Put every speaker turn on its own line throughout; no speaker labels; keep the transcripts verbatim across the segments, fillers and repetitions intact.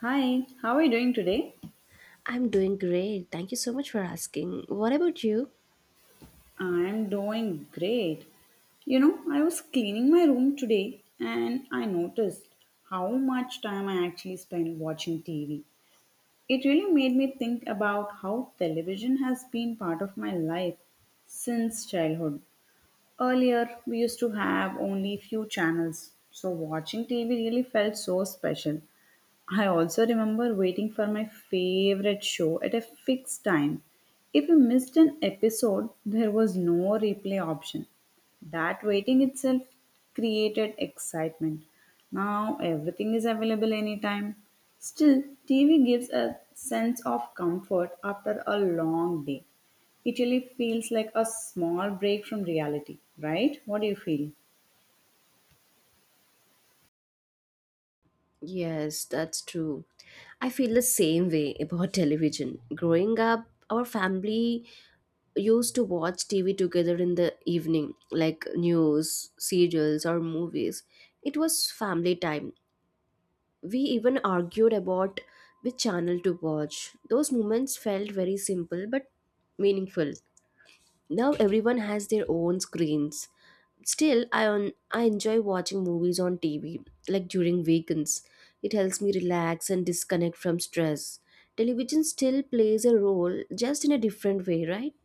Hi, how are you doing today?
I'm doing great. Thank you so much for asking. What about you?
I'm doing great. You know, I was cleaning my room today and I noticed how much time I actually spend watching T V. It really made me think about how television has been part of my life since childhood. Earlier, we used to have only few channels, so watching T V really felt so special. I also remember waiting for my favorite show at a fixed time. If you missed an episode, there was no replay option. That waiting itself created excitement. Now everything is available anytime. Still, T V gives a sense of comfort after a long day. It really feels like a small break from reality, right? What do you feel?
Yes, that's true. I feel the same way about television. Growing up, our family used to watch T V together in the evening, like news, serials, or movies. It was family time. We even argued about which channel to watch. Those moments felt very simple but meaningful. Now everyone has their own screens. Still i on i enjoy watching movies on TV, like during weekends. It helps me relax and disconnect from stress. Television still plays a role, just in a different way, right?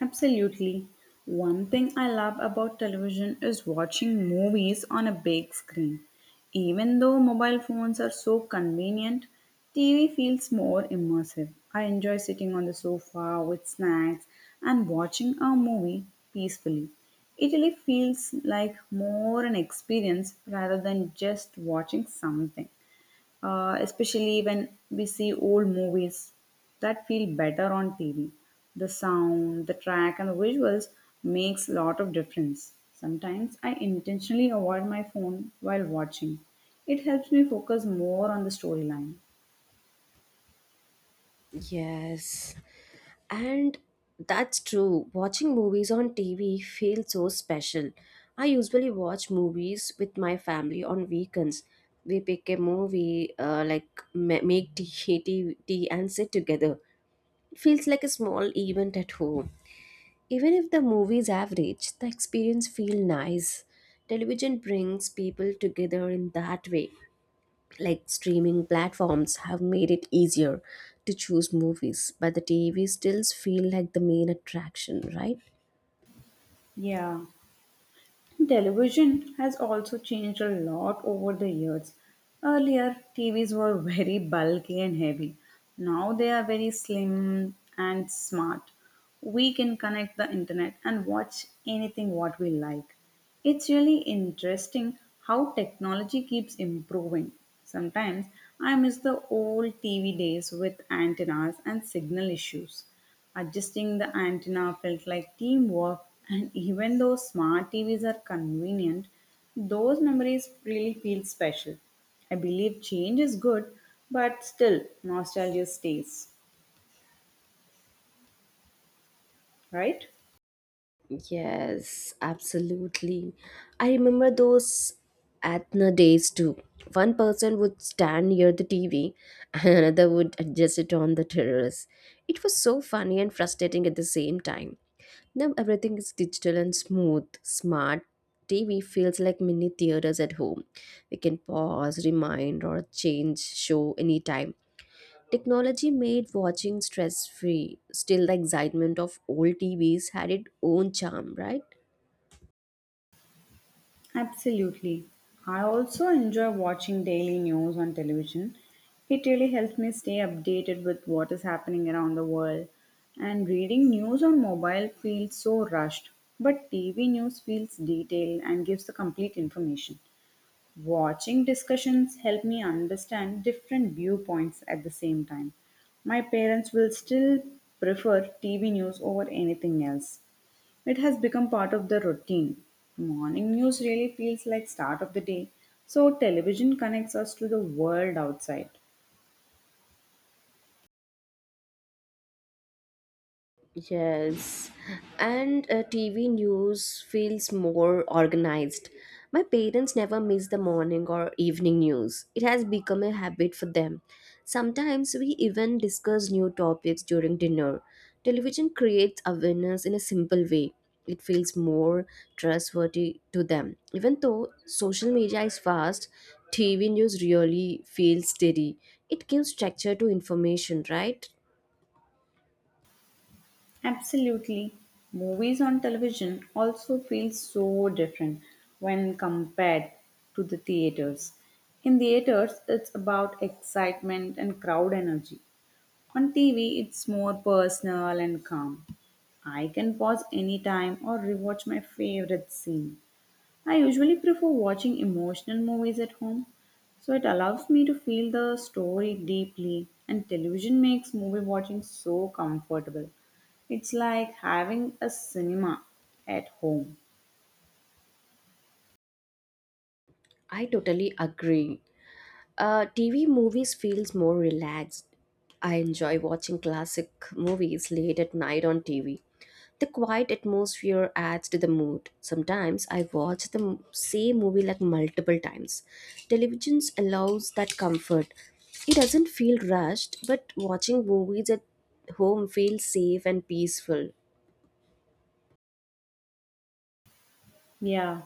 Absolutely. One thing I love about television is watching movies on a big screen. Even though mobile phones are so convenient, T V feels more immersive. I enjoy sitting on the sofa with snacks and watching a movie peacefully. It really feels like more an experience rather than just watching something uh, especially when we see old movies that feel better on T V. The sound, the track, and the visuals makes a lot of difference. Sometimes I intentionally avoid my phone while watching. It helps me focus more on the storyline.
Yes, and that's true. Watching movies on T V feels so special. I usually watch movies with my family on weekends. We pick a movie, uh, like ma- make tea, tea, tea, and sit together. It feels like a small event at home. Even if the movie is average, the experience feels nice. Television brings people together in that way. Like, streaming platforms have made it easier to choose movies, but the T V stills feel like the main attraction, right?
Yeah. Television has also changed a lot over the years. Earlier, T Vs were very bulky and heavy. Now they are very slim and smart. We can connect the internet and watch anything what we like. It's really interesting how technology keeps improving. Sometimes I miss the old T V days with antennas and signal issues. Adjusting the antenna felt like teamwork, and even though smart T Vs are convenient, those memories really feel special. I believe change is good, but still, nostalgia stays, right?
Yes, absolutely. I remember those Athena days too. One person would stand near the T V and another would adjust it on the terrace. It was so funny and frustrating at the same time. Now everything is digital and smooth, smart. T V feels like mini theaters at home. We can pause, rewind, or change show anytime. Technology made watching stress free. Still, the excitement of old T Vs had its own charm, right?
Absolutely. I also enjoy watching daily news on television. It really helps me stay updated with what is happening around the world. And reading news on mobile feels so rushed, but T V news feels detailed and gives the complete information. Watching discussions help me understand different viewpoints at the same time. My parents will still prefer T V news over anything else. It has become part of the routine. Morning news really feels like start of the day. So television connects us to the world outside.
Yes, and uh, T V news feels more organized. My parents never miss the morning or evening news. It has become a habit for them. Sometimes we even discuss new topics during dinner. Television creates awareness in a simple way. It feels more trustworthy to them. Even though social media is fast, T V news really feels steady. It gives structure to information, right?
Absolutely. Movies on television also feel so different when compared to the theaters. In theaters, it's about excitement and crowd energy. On T V, it's more personal and calm. I can pause anytime or rewatch my favorite scene. I usually prefer watching emotional movies at home, so it allows me to feel the story deeply, and television makes movie watching so comfortable. It's like having a cinema at home.
I totally agree. Uh, T V movies feels more relaxed. I enjoy watching classic movies late at night on T V. The quiet atmosphere adds to the mood. Sometimes I watch the m- same movie, like, multiple times. Television allows that comfort. It doesn't feel rushed, but watching movies at home feels safe and peaceful.
Yeah.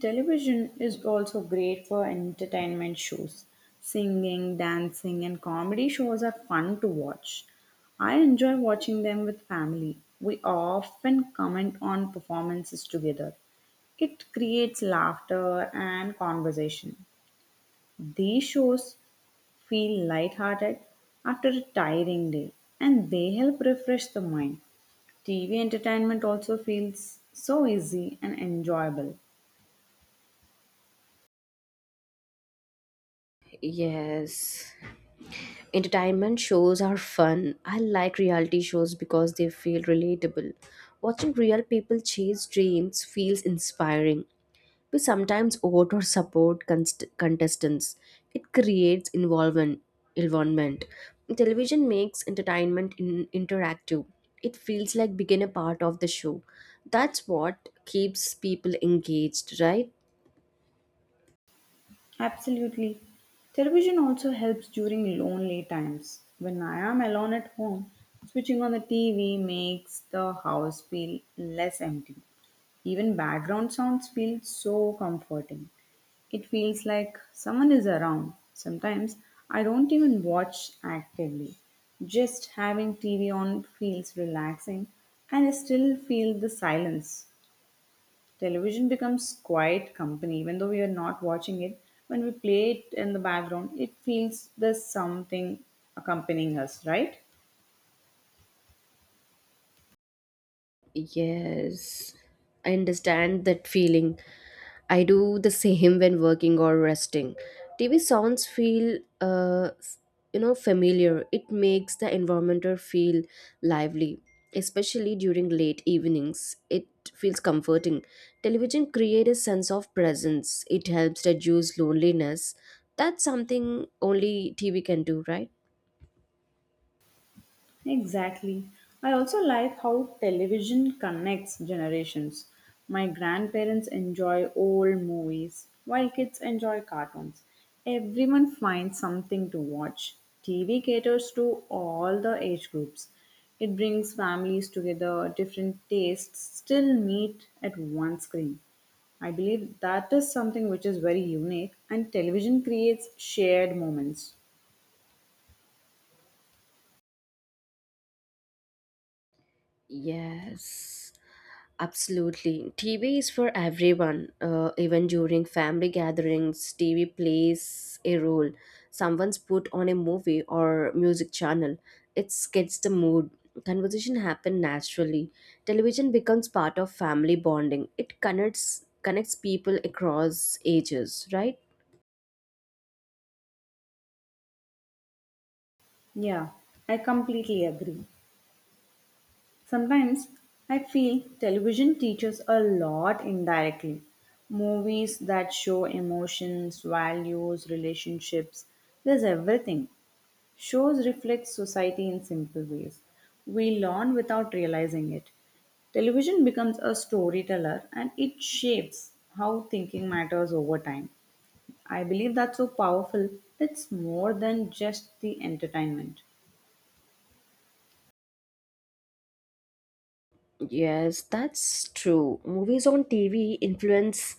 Television is also great for entertainment shows. Singing, dancing, and comedy shows are fun to watch. I enjoy watching them with family. We often comment on performances together. It creates laughter and conversation. These shows feel lighthearted after a tiring day and they help refresh the mind. T V entertainment also feels so easy and enjoyable.
Yes. Entertainment shows are fun. I like reality shows because they feel relatable. Watching real people chase dreams feels inspiring. We sometimes vote or support const- contestants. It creates involvement. involvement. Television makes entertainment in- interactive. It feels like being a part of the show. That's what keeps people engaged, right?
Absolutely. Television also helps during lonely times. When I am alone at home, switching on the T V makes the house feel less empty. Even background sounds feel so comforting. It feels like someone is around. Sometimes I don't even watch actively. Just having T V on feels relaxing and I still feel the silence. Television becomes quiet company, even though we are not watching it. When we play it in the background, it feels there's something accompanying us, right?
Yes, I understand that feeling. I do the same when working or resting. T V sounds feel, uh, s- you know, familiar. It makes the environment or feel lively, especially during late evenings. It feels comforting. Television creates a sense of presence. It helps reduce loneliness. That's something only T V can do, right?
Exactly. I also like how television connects generations. My grandparents enjoy old movies, while kids enjoy cartoons. Everyone finds something to watch. T V caters to all the age groups. It brings families together, different tastes still meet at one screen. I believe that is something which is very unique, and television creates shared moments.
Yes. Absolutely. T V is for everyone. Uh, even during family gatherings, T V plays a role. Someone's put on a movie or music channel. It gets the mood. Conversation happen naturally. Television becomes part of family bonding. It connects connects people across ages, right?
Yeah, I completely agree. Sometimes I feel television teaches a lot indirectly. Movies that show emotions, values, relationships, there's everything. Shows reflect society in simple ways. We learn without realizing it. Television becomes a storyteller and it shapes how thinking matters over time. I believe that's so powerful. It's more than just the entertainment.
Yes, that's true. Movies on T V influence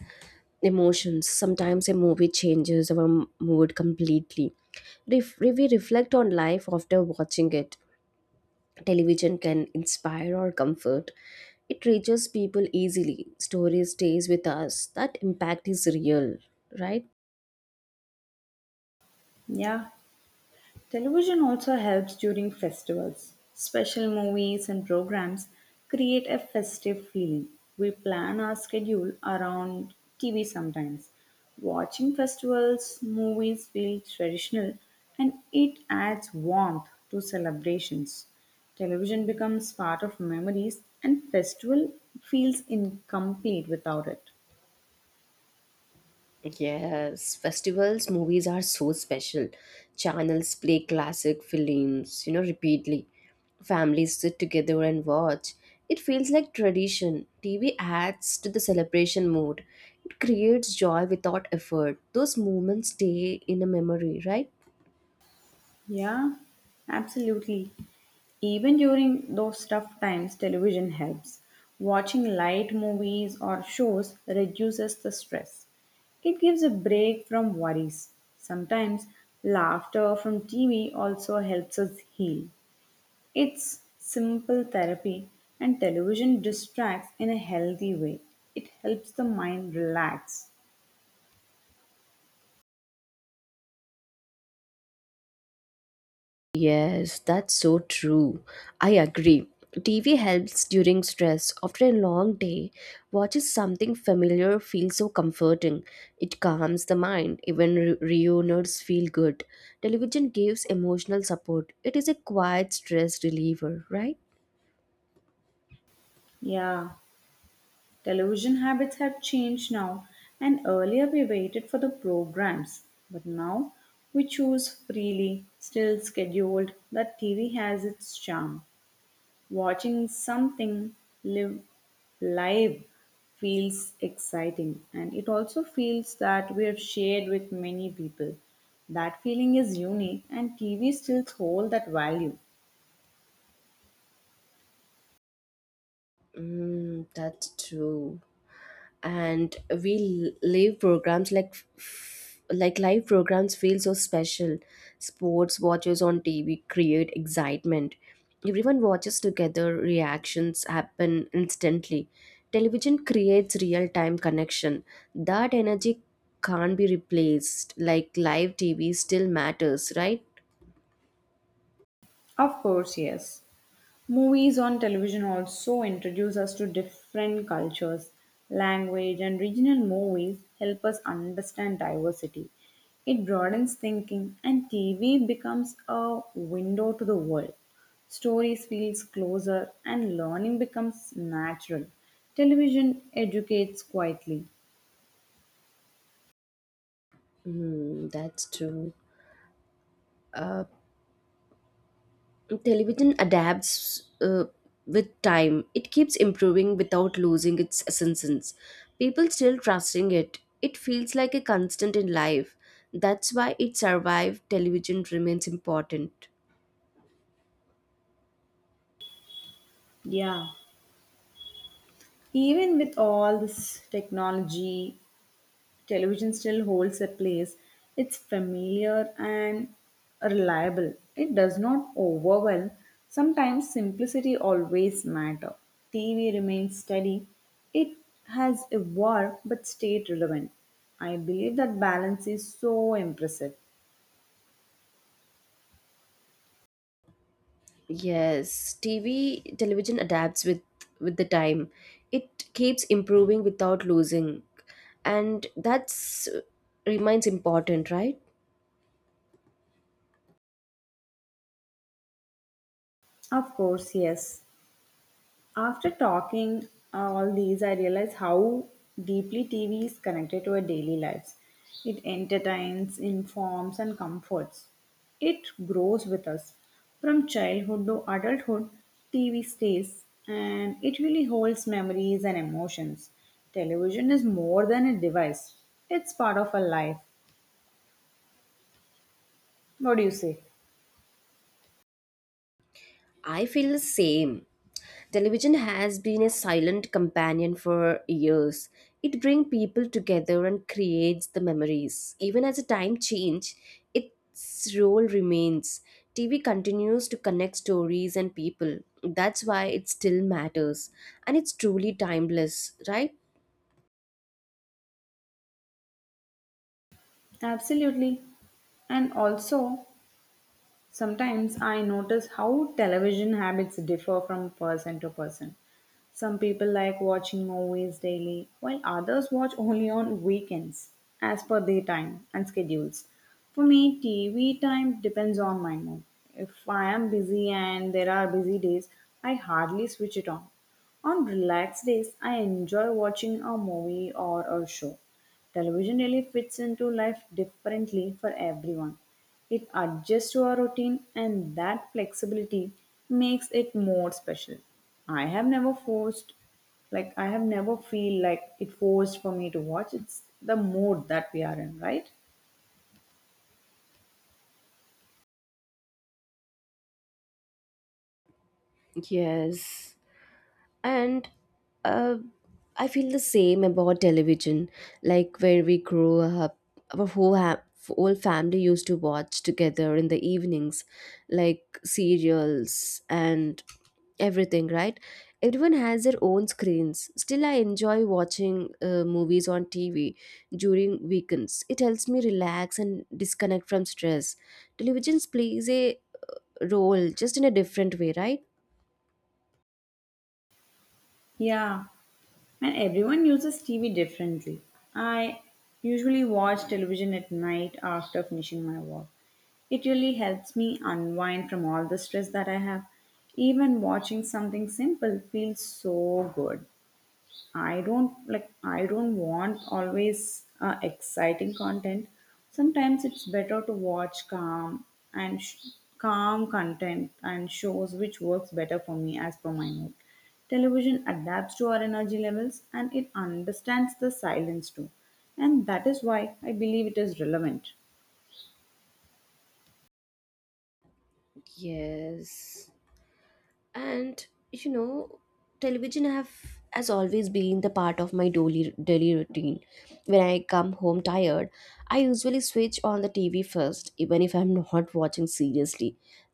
emotions. Sometimes a movie changes our m- mood completely. Ref- we reflect on life after watching it. Television can inspire or comfort. It reaches people easily. Story stays with us. That impact is real, right?
Yeah, television also helps during festivals. Special movies and programs create a festive feeling. We plan our schedule around T V sometimes. Watching festivals, movies feel traditional and it adds warmth to celebrations. Television becomes part of memories and festival feels incomplete without it.
Yes, festivals movies are so special. Channels play classic films, you know, repeatedly. Families sit together and watch. It feels like tradition. T V adds to the celebration mood. It creates joy without effort. Those moments stay in a memory, right?
Yeah, absolutely. Even during those tough times, television helps. Watching light movies or shows reduces the stress. It gives a break from worries. Sometimes laughter from T V also helps us heal. It's simple therapy, and television distracts in a healthy way. It helps the mind relax.
Yes, that's so true. I agree. T V helps during stress. After a long day, watching something familiar feels so comforting. It calms the mind. Even re- reunions feel good. Television gives emotional support. It is a quiet stress reliever, right?
Yeah. Television habits have changed now, and earlier we waited for the programs, but now we choose freely, still scheduled. That T V has its charm. Watching something live live feels exciting, and it also feels that we have shared with many people. That feeling is unique, and T V still holds that value.
Mm, that's true. And we live programs like like live programs feel so special. Sports watches on TV create excitement. Everyone watches together. Reactions happen instantly. Television creates real time connection. That energy can't be replaced. Like, live TV still matters, right?
Of course, yes. Movies on television also introduce us to different cultures. Language and regional movies help us understand diversity. It broadens thinking, and T V becomes a window to the world. Stories feels closer, and learning becomes natural. Television educates quietly.
Hmm, that's true. Television adapts, uh, with time. It keeps improving without losing its essence. People still trusting it. It feels like a constant in life. That's why it survived. Television remains important.
Yeah, even with all this technology television still holds a place. It's familiar and reliable. It does not overwhelm. Sometimes simplicity always matter. T V remains steady. It has evolved but stayed relevant. I believe that balance is so impressive.
Yes, tv television adapts with with the time. It keeps improving without losing. And that's uh, remains important, right?
Of course, yes. After talking uh, all these, I realize how deeply T V is connected to our daily lives. It entertains, informs, and comforts. It grows with us. From childhood to adulthood, T V stays and it really holds memories and emotions. Television is more than a device, it's part of our life. What do you say?
I feel the same. Television has been a silent companion for years. It brings people together and creates the memories. Even as the time change, its role remains. T V continues to connect stories and people. That's why it still matters. And it's truly timeless, right?
Absolutely. And also, sometimes I notice how television habits differ from person to person. Some people like watching movies daily, while others watch only on weekends, as per their time and schedules. For me, T V time depends on my mood. If I am busy and there are busy days, I hardly switch it on. On relaxed days, I enjoy watching a movie or a show. Television really fits into life differently for everyone. It adjusts to our routine, and that flexibility makes it more special. I have never forced, like, I have never feel like it forced for me to watch. It's the mood that we are in, right?
Yes. And uh, I feel the same about television. Like, when we grew up, our whole, ha- whole family used to watch together in the evenings, like serials and everything, right? Everyone has their own screens. Still I enjoy watching uh, movies on TV during weekends. It helps me relax and disconnect from stress. Televisions plays a role, just in a different way, right?
Yeah, and everyone uses T V differently. I usually watch television at night after finishing my work. It really helps me unwind from all the stress that I have. Even watching something simple feels so good. I don't like I don't want always uh, exciting content. Sometimes it's better to watch calm and sh- calm content and shows which works better for me as per my mood. Television adapts to our energy levels and it understands the silence too. And that is why I believe it is relevant.
Yes. And, you know, television have has always been the part of my daily daily routine. When I come home tired, I usually switch on the TV first. Even if I'm not watching seriously,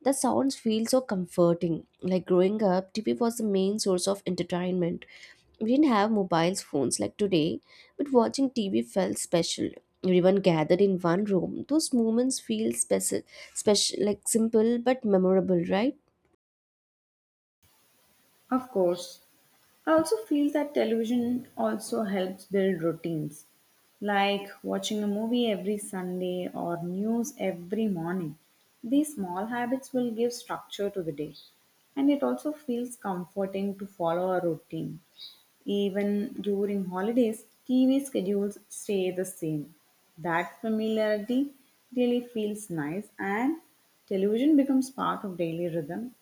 the sounds feel so comforting. Like, growing up, TV was the main source of entertainment. We didn't have mobiles phones like today, but watching TV felt special. Everyone gathered in one room. Those moments feel special special like simple but memorable, right?
Of course. I also feel that television also helps build routines, like watching a movie every Sunday or news every morning. These small habits will give structure to the day, and it also feels comforting to follow a routine. Even during holidays, T V schedules stay the same. That familiarity really feels nice, and television becomes part of daily rhythm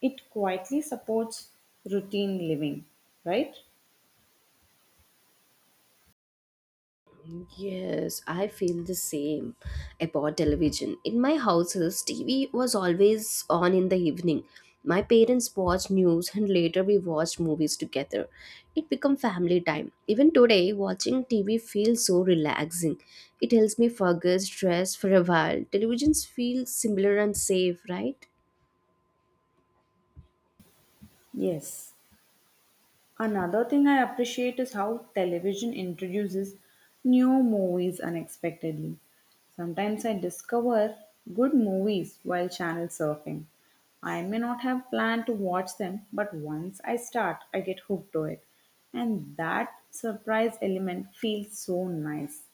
it quietly supports routine living, right?
Yes, I feel the same about television. In my houses, T V was always on in the evening. My parents watched news and later we watched movies together. It became family time. Even today, watching T V feels so relaxing. It helps me forget stress for a while. Televisions feel similar and safe, right?
Yes. Another thing I appreciate is how television introduces new movies unexpectedly. Sometimes I discover good movies while channel surfing. I may not have planned to watch them, but once I start, I get hooked to it. And that surprise element feels so nice.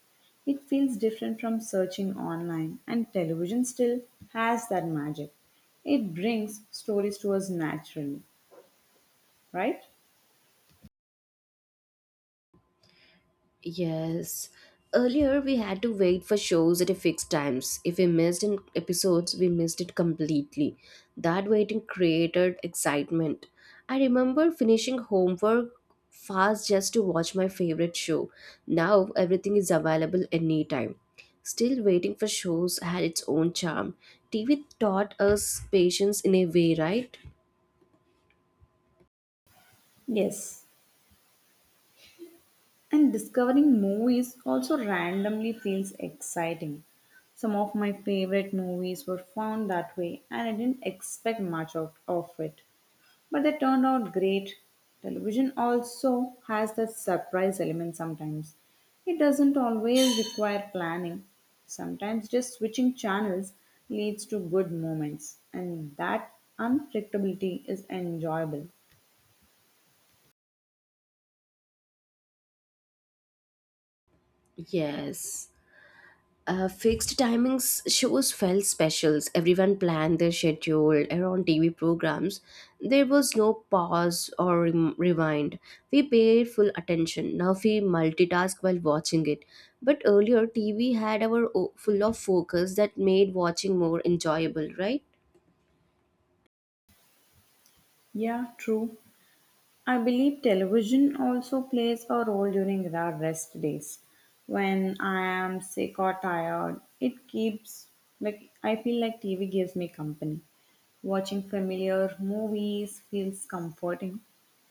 It feels different from searching online, and television still has that magic. It brings stories to us naturally, right?
Yes. Earlier, we had to wait for shows at a fixed times. If we missed an episodes, we missed it completely. That waiting created excitement. I remember finishing homework fast just to watch my favorite show. Now, everything is available anytime. Still, waiting for shows had its own charm. T V taught us patience in a way, right?
Yes, and discovering movies also randomly feels exciting. Some of my favorite movies were found that way, and I didn't expect much out of it. But they turned out great. Television also has that surprise element sometimes. It doesn't always require planning. Sometimes just switching channels leads to good moments, and that unpredictability is enjoyable.
Yes. Uh, fixed timings shows felt specials. Everyone planned their schedule around T V programs. There was no pause or rem- rewind. We paid full attention. Now we multitask while watching it. But earlier, T V had our o- full of focus that made watching more enjoyable, right?
Yeah, true. I believe television also plays a role during our rest days. When I am sick or tired, it keeps like I feel like T V gives me company. Watching familiar movies feels comforting.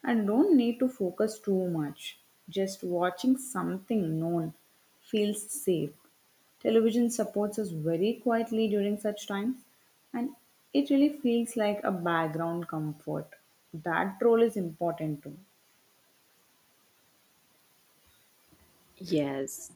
I don't need to focus too much. Just watching something known feels safe. Television supports us very quietly during such times, and it really feels like a background comfort. That role is important too.
Yes,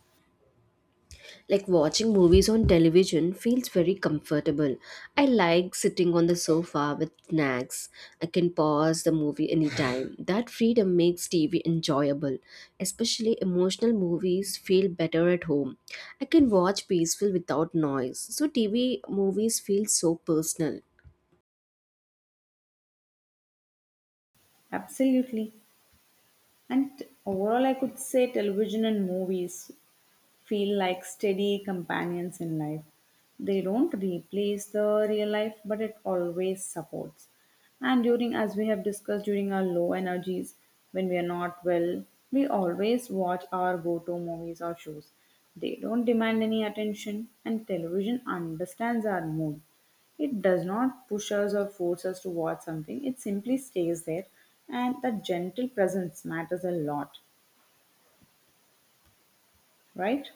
like, watching movies on television feels very comfortable. I like sitting on the sofa with snacks. I can pause the movie anytime. That freedom makes T V enjoyable. Especially emotional movies feel better at home. I can watch peaceful without noise. So T V movies feel so personal.
Absolutely. And overall, I could say television and movies feel like steady companions in life. They don't replace the real life, but it always supports. And during, as we have discussed, during our low energies, when we are not well, we always watch our go to movies or shows. They don't demand any attention, and television understands our mood. It does not push us or force us to watch something, it simply stays there, and that gentle presence matters a lot, right?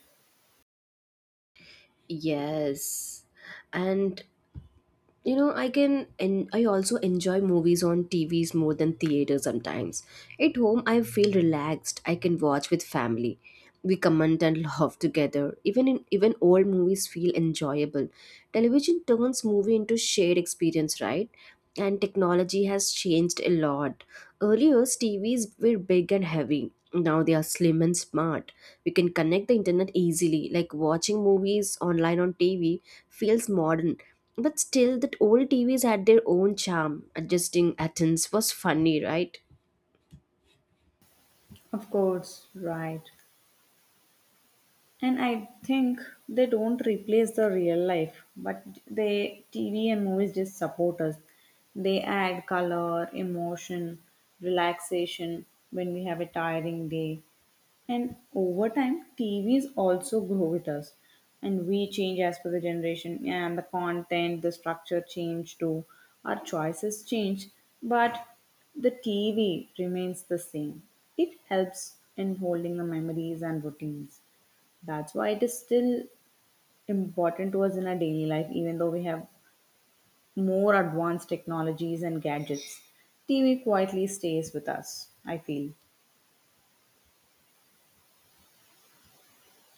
Yes. And, you know, I can and I also enjoy movies on TVs more than theater sometimes. At home I feel relaxed. I can watch with family. We comment and laugh together. Even in even old movies feel enjoyable. Television turns movie into shared experience, right? And technology has changed a lot. Earlier TVs were big and heavy. Now they are slim and smart. We can connect the internet easily. Like, watching movies online on TV feels modern. But still, that old T Vs had their own charm. Adjusting Athens was funny, right?
Of course, right. And I think they don't replace the real life, but they T V and movies just support us. They add color, emotion, relaxation when we have a tiring day. And over time, T Vs also grow with us. And we change as per the generation and the content, the structure change too. Our choices change, but the T V remains the same. It helps in holding the memories and routines. That's why it is still important to us in our daily life, even though we have more advanced technologies and gadgets. T V quietly stays with us, I feel.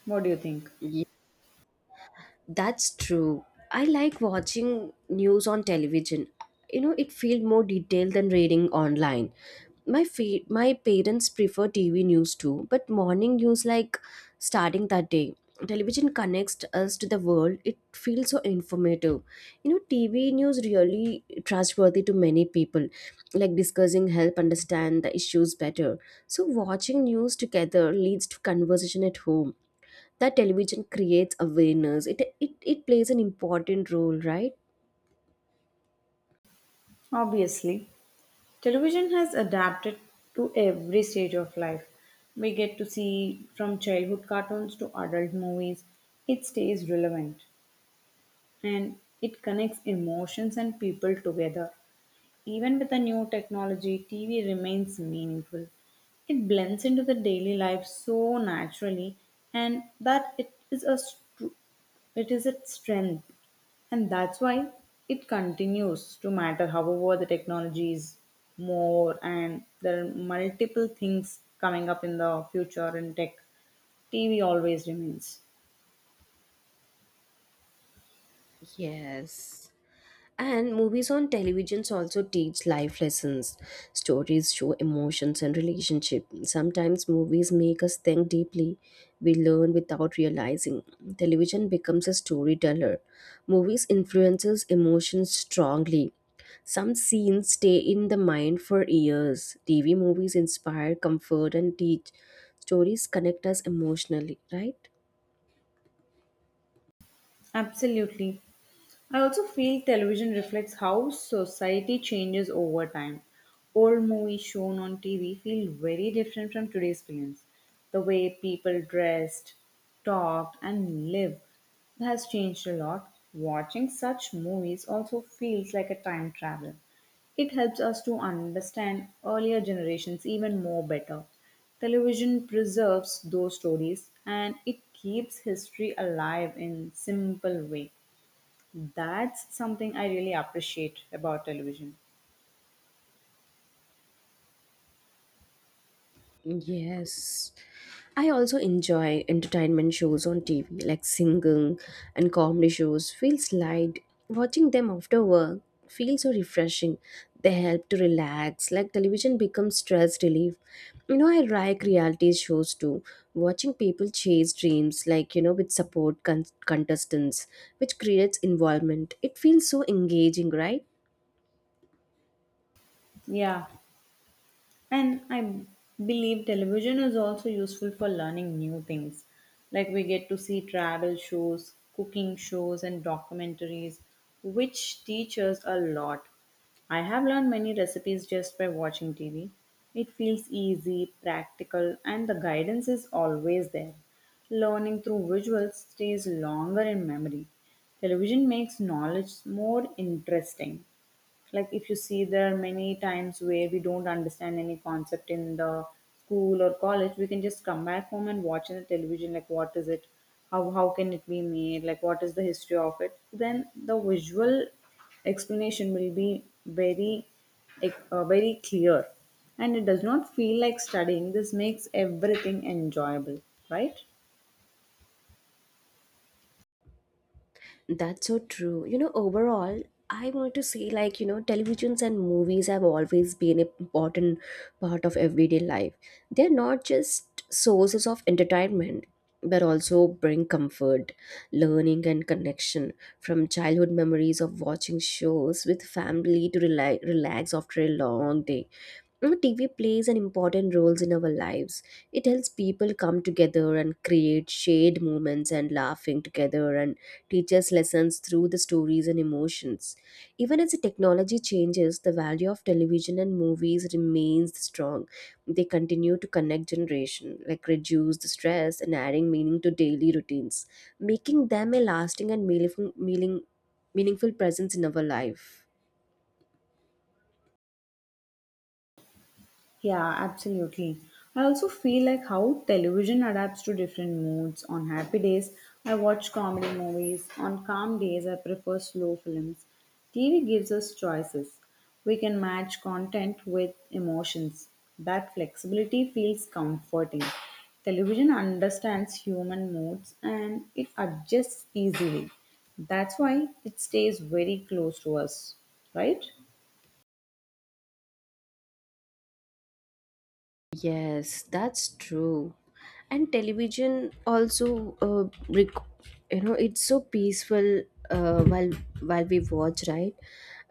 What do you think?
That's true. I like watching news on television. You know, it feels more detailed than reading online. My fe- my parents prefer T V news too, but morning news like starting that day. Television connects us to the world. It feels so informative. You know, T V news really trustworthy to many people. Like, discussing help understand the issues better. So watching news together leads to conversation at home. That television creates awareness. It it, it plays an important role, right?
Obviously, television has adapted to every stage of life. We get to see from childhood cartoons to adult movies. It stays relevant and it connects emotions and people together. Even with the new technology, T V remains meaningful. It blends into the daily life so naturally, and that it is a str- it is its strength, and that's why it continues to matter. However, the technology is more, and there are multiple things coming up in the future in tech. T V always remains.
Yes. And movies on televisions also teach life lessons. Stories show emotions and relationship. Sometimes movies make us think deeply. We learn without realizing. Television becomes a storyteller. Movies influences emotions strongly. Some scenes stay in the mind for years. T V movies inspire, comfort and teach. Stories connect us emotionally, right?
Absolutely. I also feel television reflects how society changes over time. Old movies shown on T V feel very different from today's films. The way people dressed, talked, and lived has changed a lot. Watching such movies also feels like a time travel. It helps us to understand earlier generations even more better. Television preserves those stories and it keeps history alive in simple way. That's something I really appreciate about television.
Yes. I also enjoy entertainment shows on T V, like singing and comedy shows. Feels light. Watching them after work feels so refreshing. They help to relax. Like, television becomes stress relief. You know, I like reality shows too. Watching people chase dreams, like, you know, with support con- contestants, which creates involvement. It feels so engaging, right?
Yeah, and I believe television is also useful for learning new things. Like we get to see travel shows, cooking shows, and documentaries, which teach us a lot. I have learned many recipes just by watching T V. It feels easy, practical, and the guidance is always there. Learning through visuals stays longer in memory. Television makes knowledge more interesting, like if you see there are many times where we don't understand any concept in the school or college, we can just come back home and watch in the television, like what is it, how how can it be made, like what is the history of it, then the visual explanation will be very like, uh, very clear, and it does not feel like studying. This makes everything enjoyable, right?
That's so true. You know, overall, I want to say, like, you know, televisions and movies have always been an important part of everyday life. They're not just sources of entertainment, but also bring comfort, learning and connection. From childhood memories of watching shows with family to rela- relax after a long day, now, T V plays an important role in our lives. It helps people come together and create shared moments and laughing together and teaches lessons through the stories and emotions. Even as the technology changes, the value of television and movies remains strong. They continue to connect generation, like reduce the stress and adding meaning to daily routines, making them a lasting and meaningful, meaning, meaningful presence in our life.
Yeah, absolutely. I also feel like how television adapts to different moods. On happy days, I watch comedy movies. On calm days, I prefer slow films. T V gives us choices. We can match content with emotions. That flexibility feels comforting. Television understands human moods and it adjusts easily. That's why it stays very close to us, right?
Yes, that's true. And television also, uh, rec- you know, it's so peaceful uh, while while we watch, right?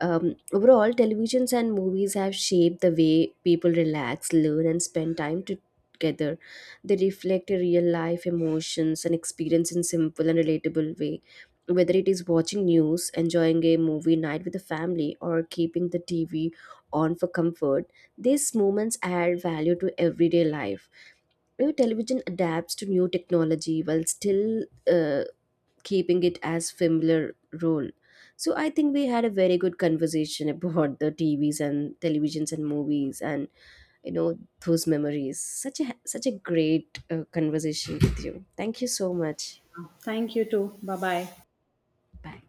Um, overall, televisions and movies have shaped the way people relax, learn, and spend time together. They reflect a real life emotions and experience in simple and relatable way. Whether it is watching news, enjoying a movie night with the family, or keeping the T V on for comfort, these moments add value to everyday life. You know, television adapts to new technology while still uh, keeping it as familiar role. So I think we had a very good conversation about the T Vs and televisions and movies and, you know, those memories. Such a such a great uh, conversation with you. Thank you so much.
Thank you too. Bye bye.
Bye.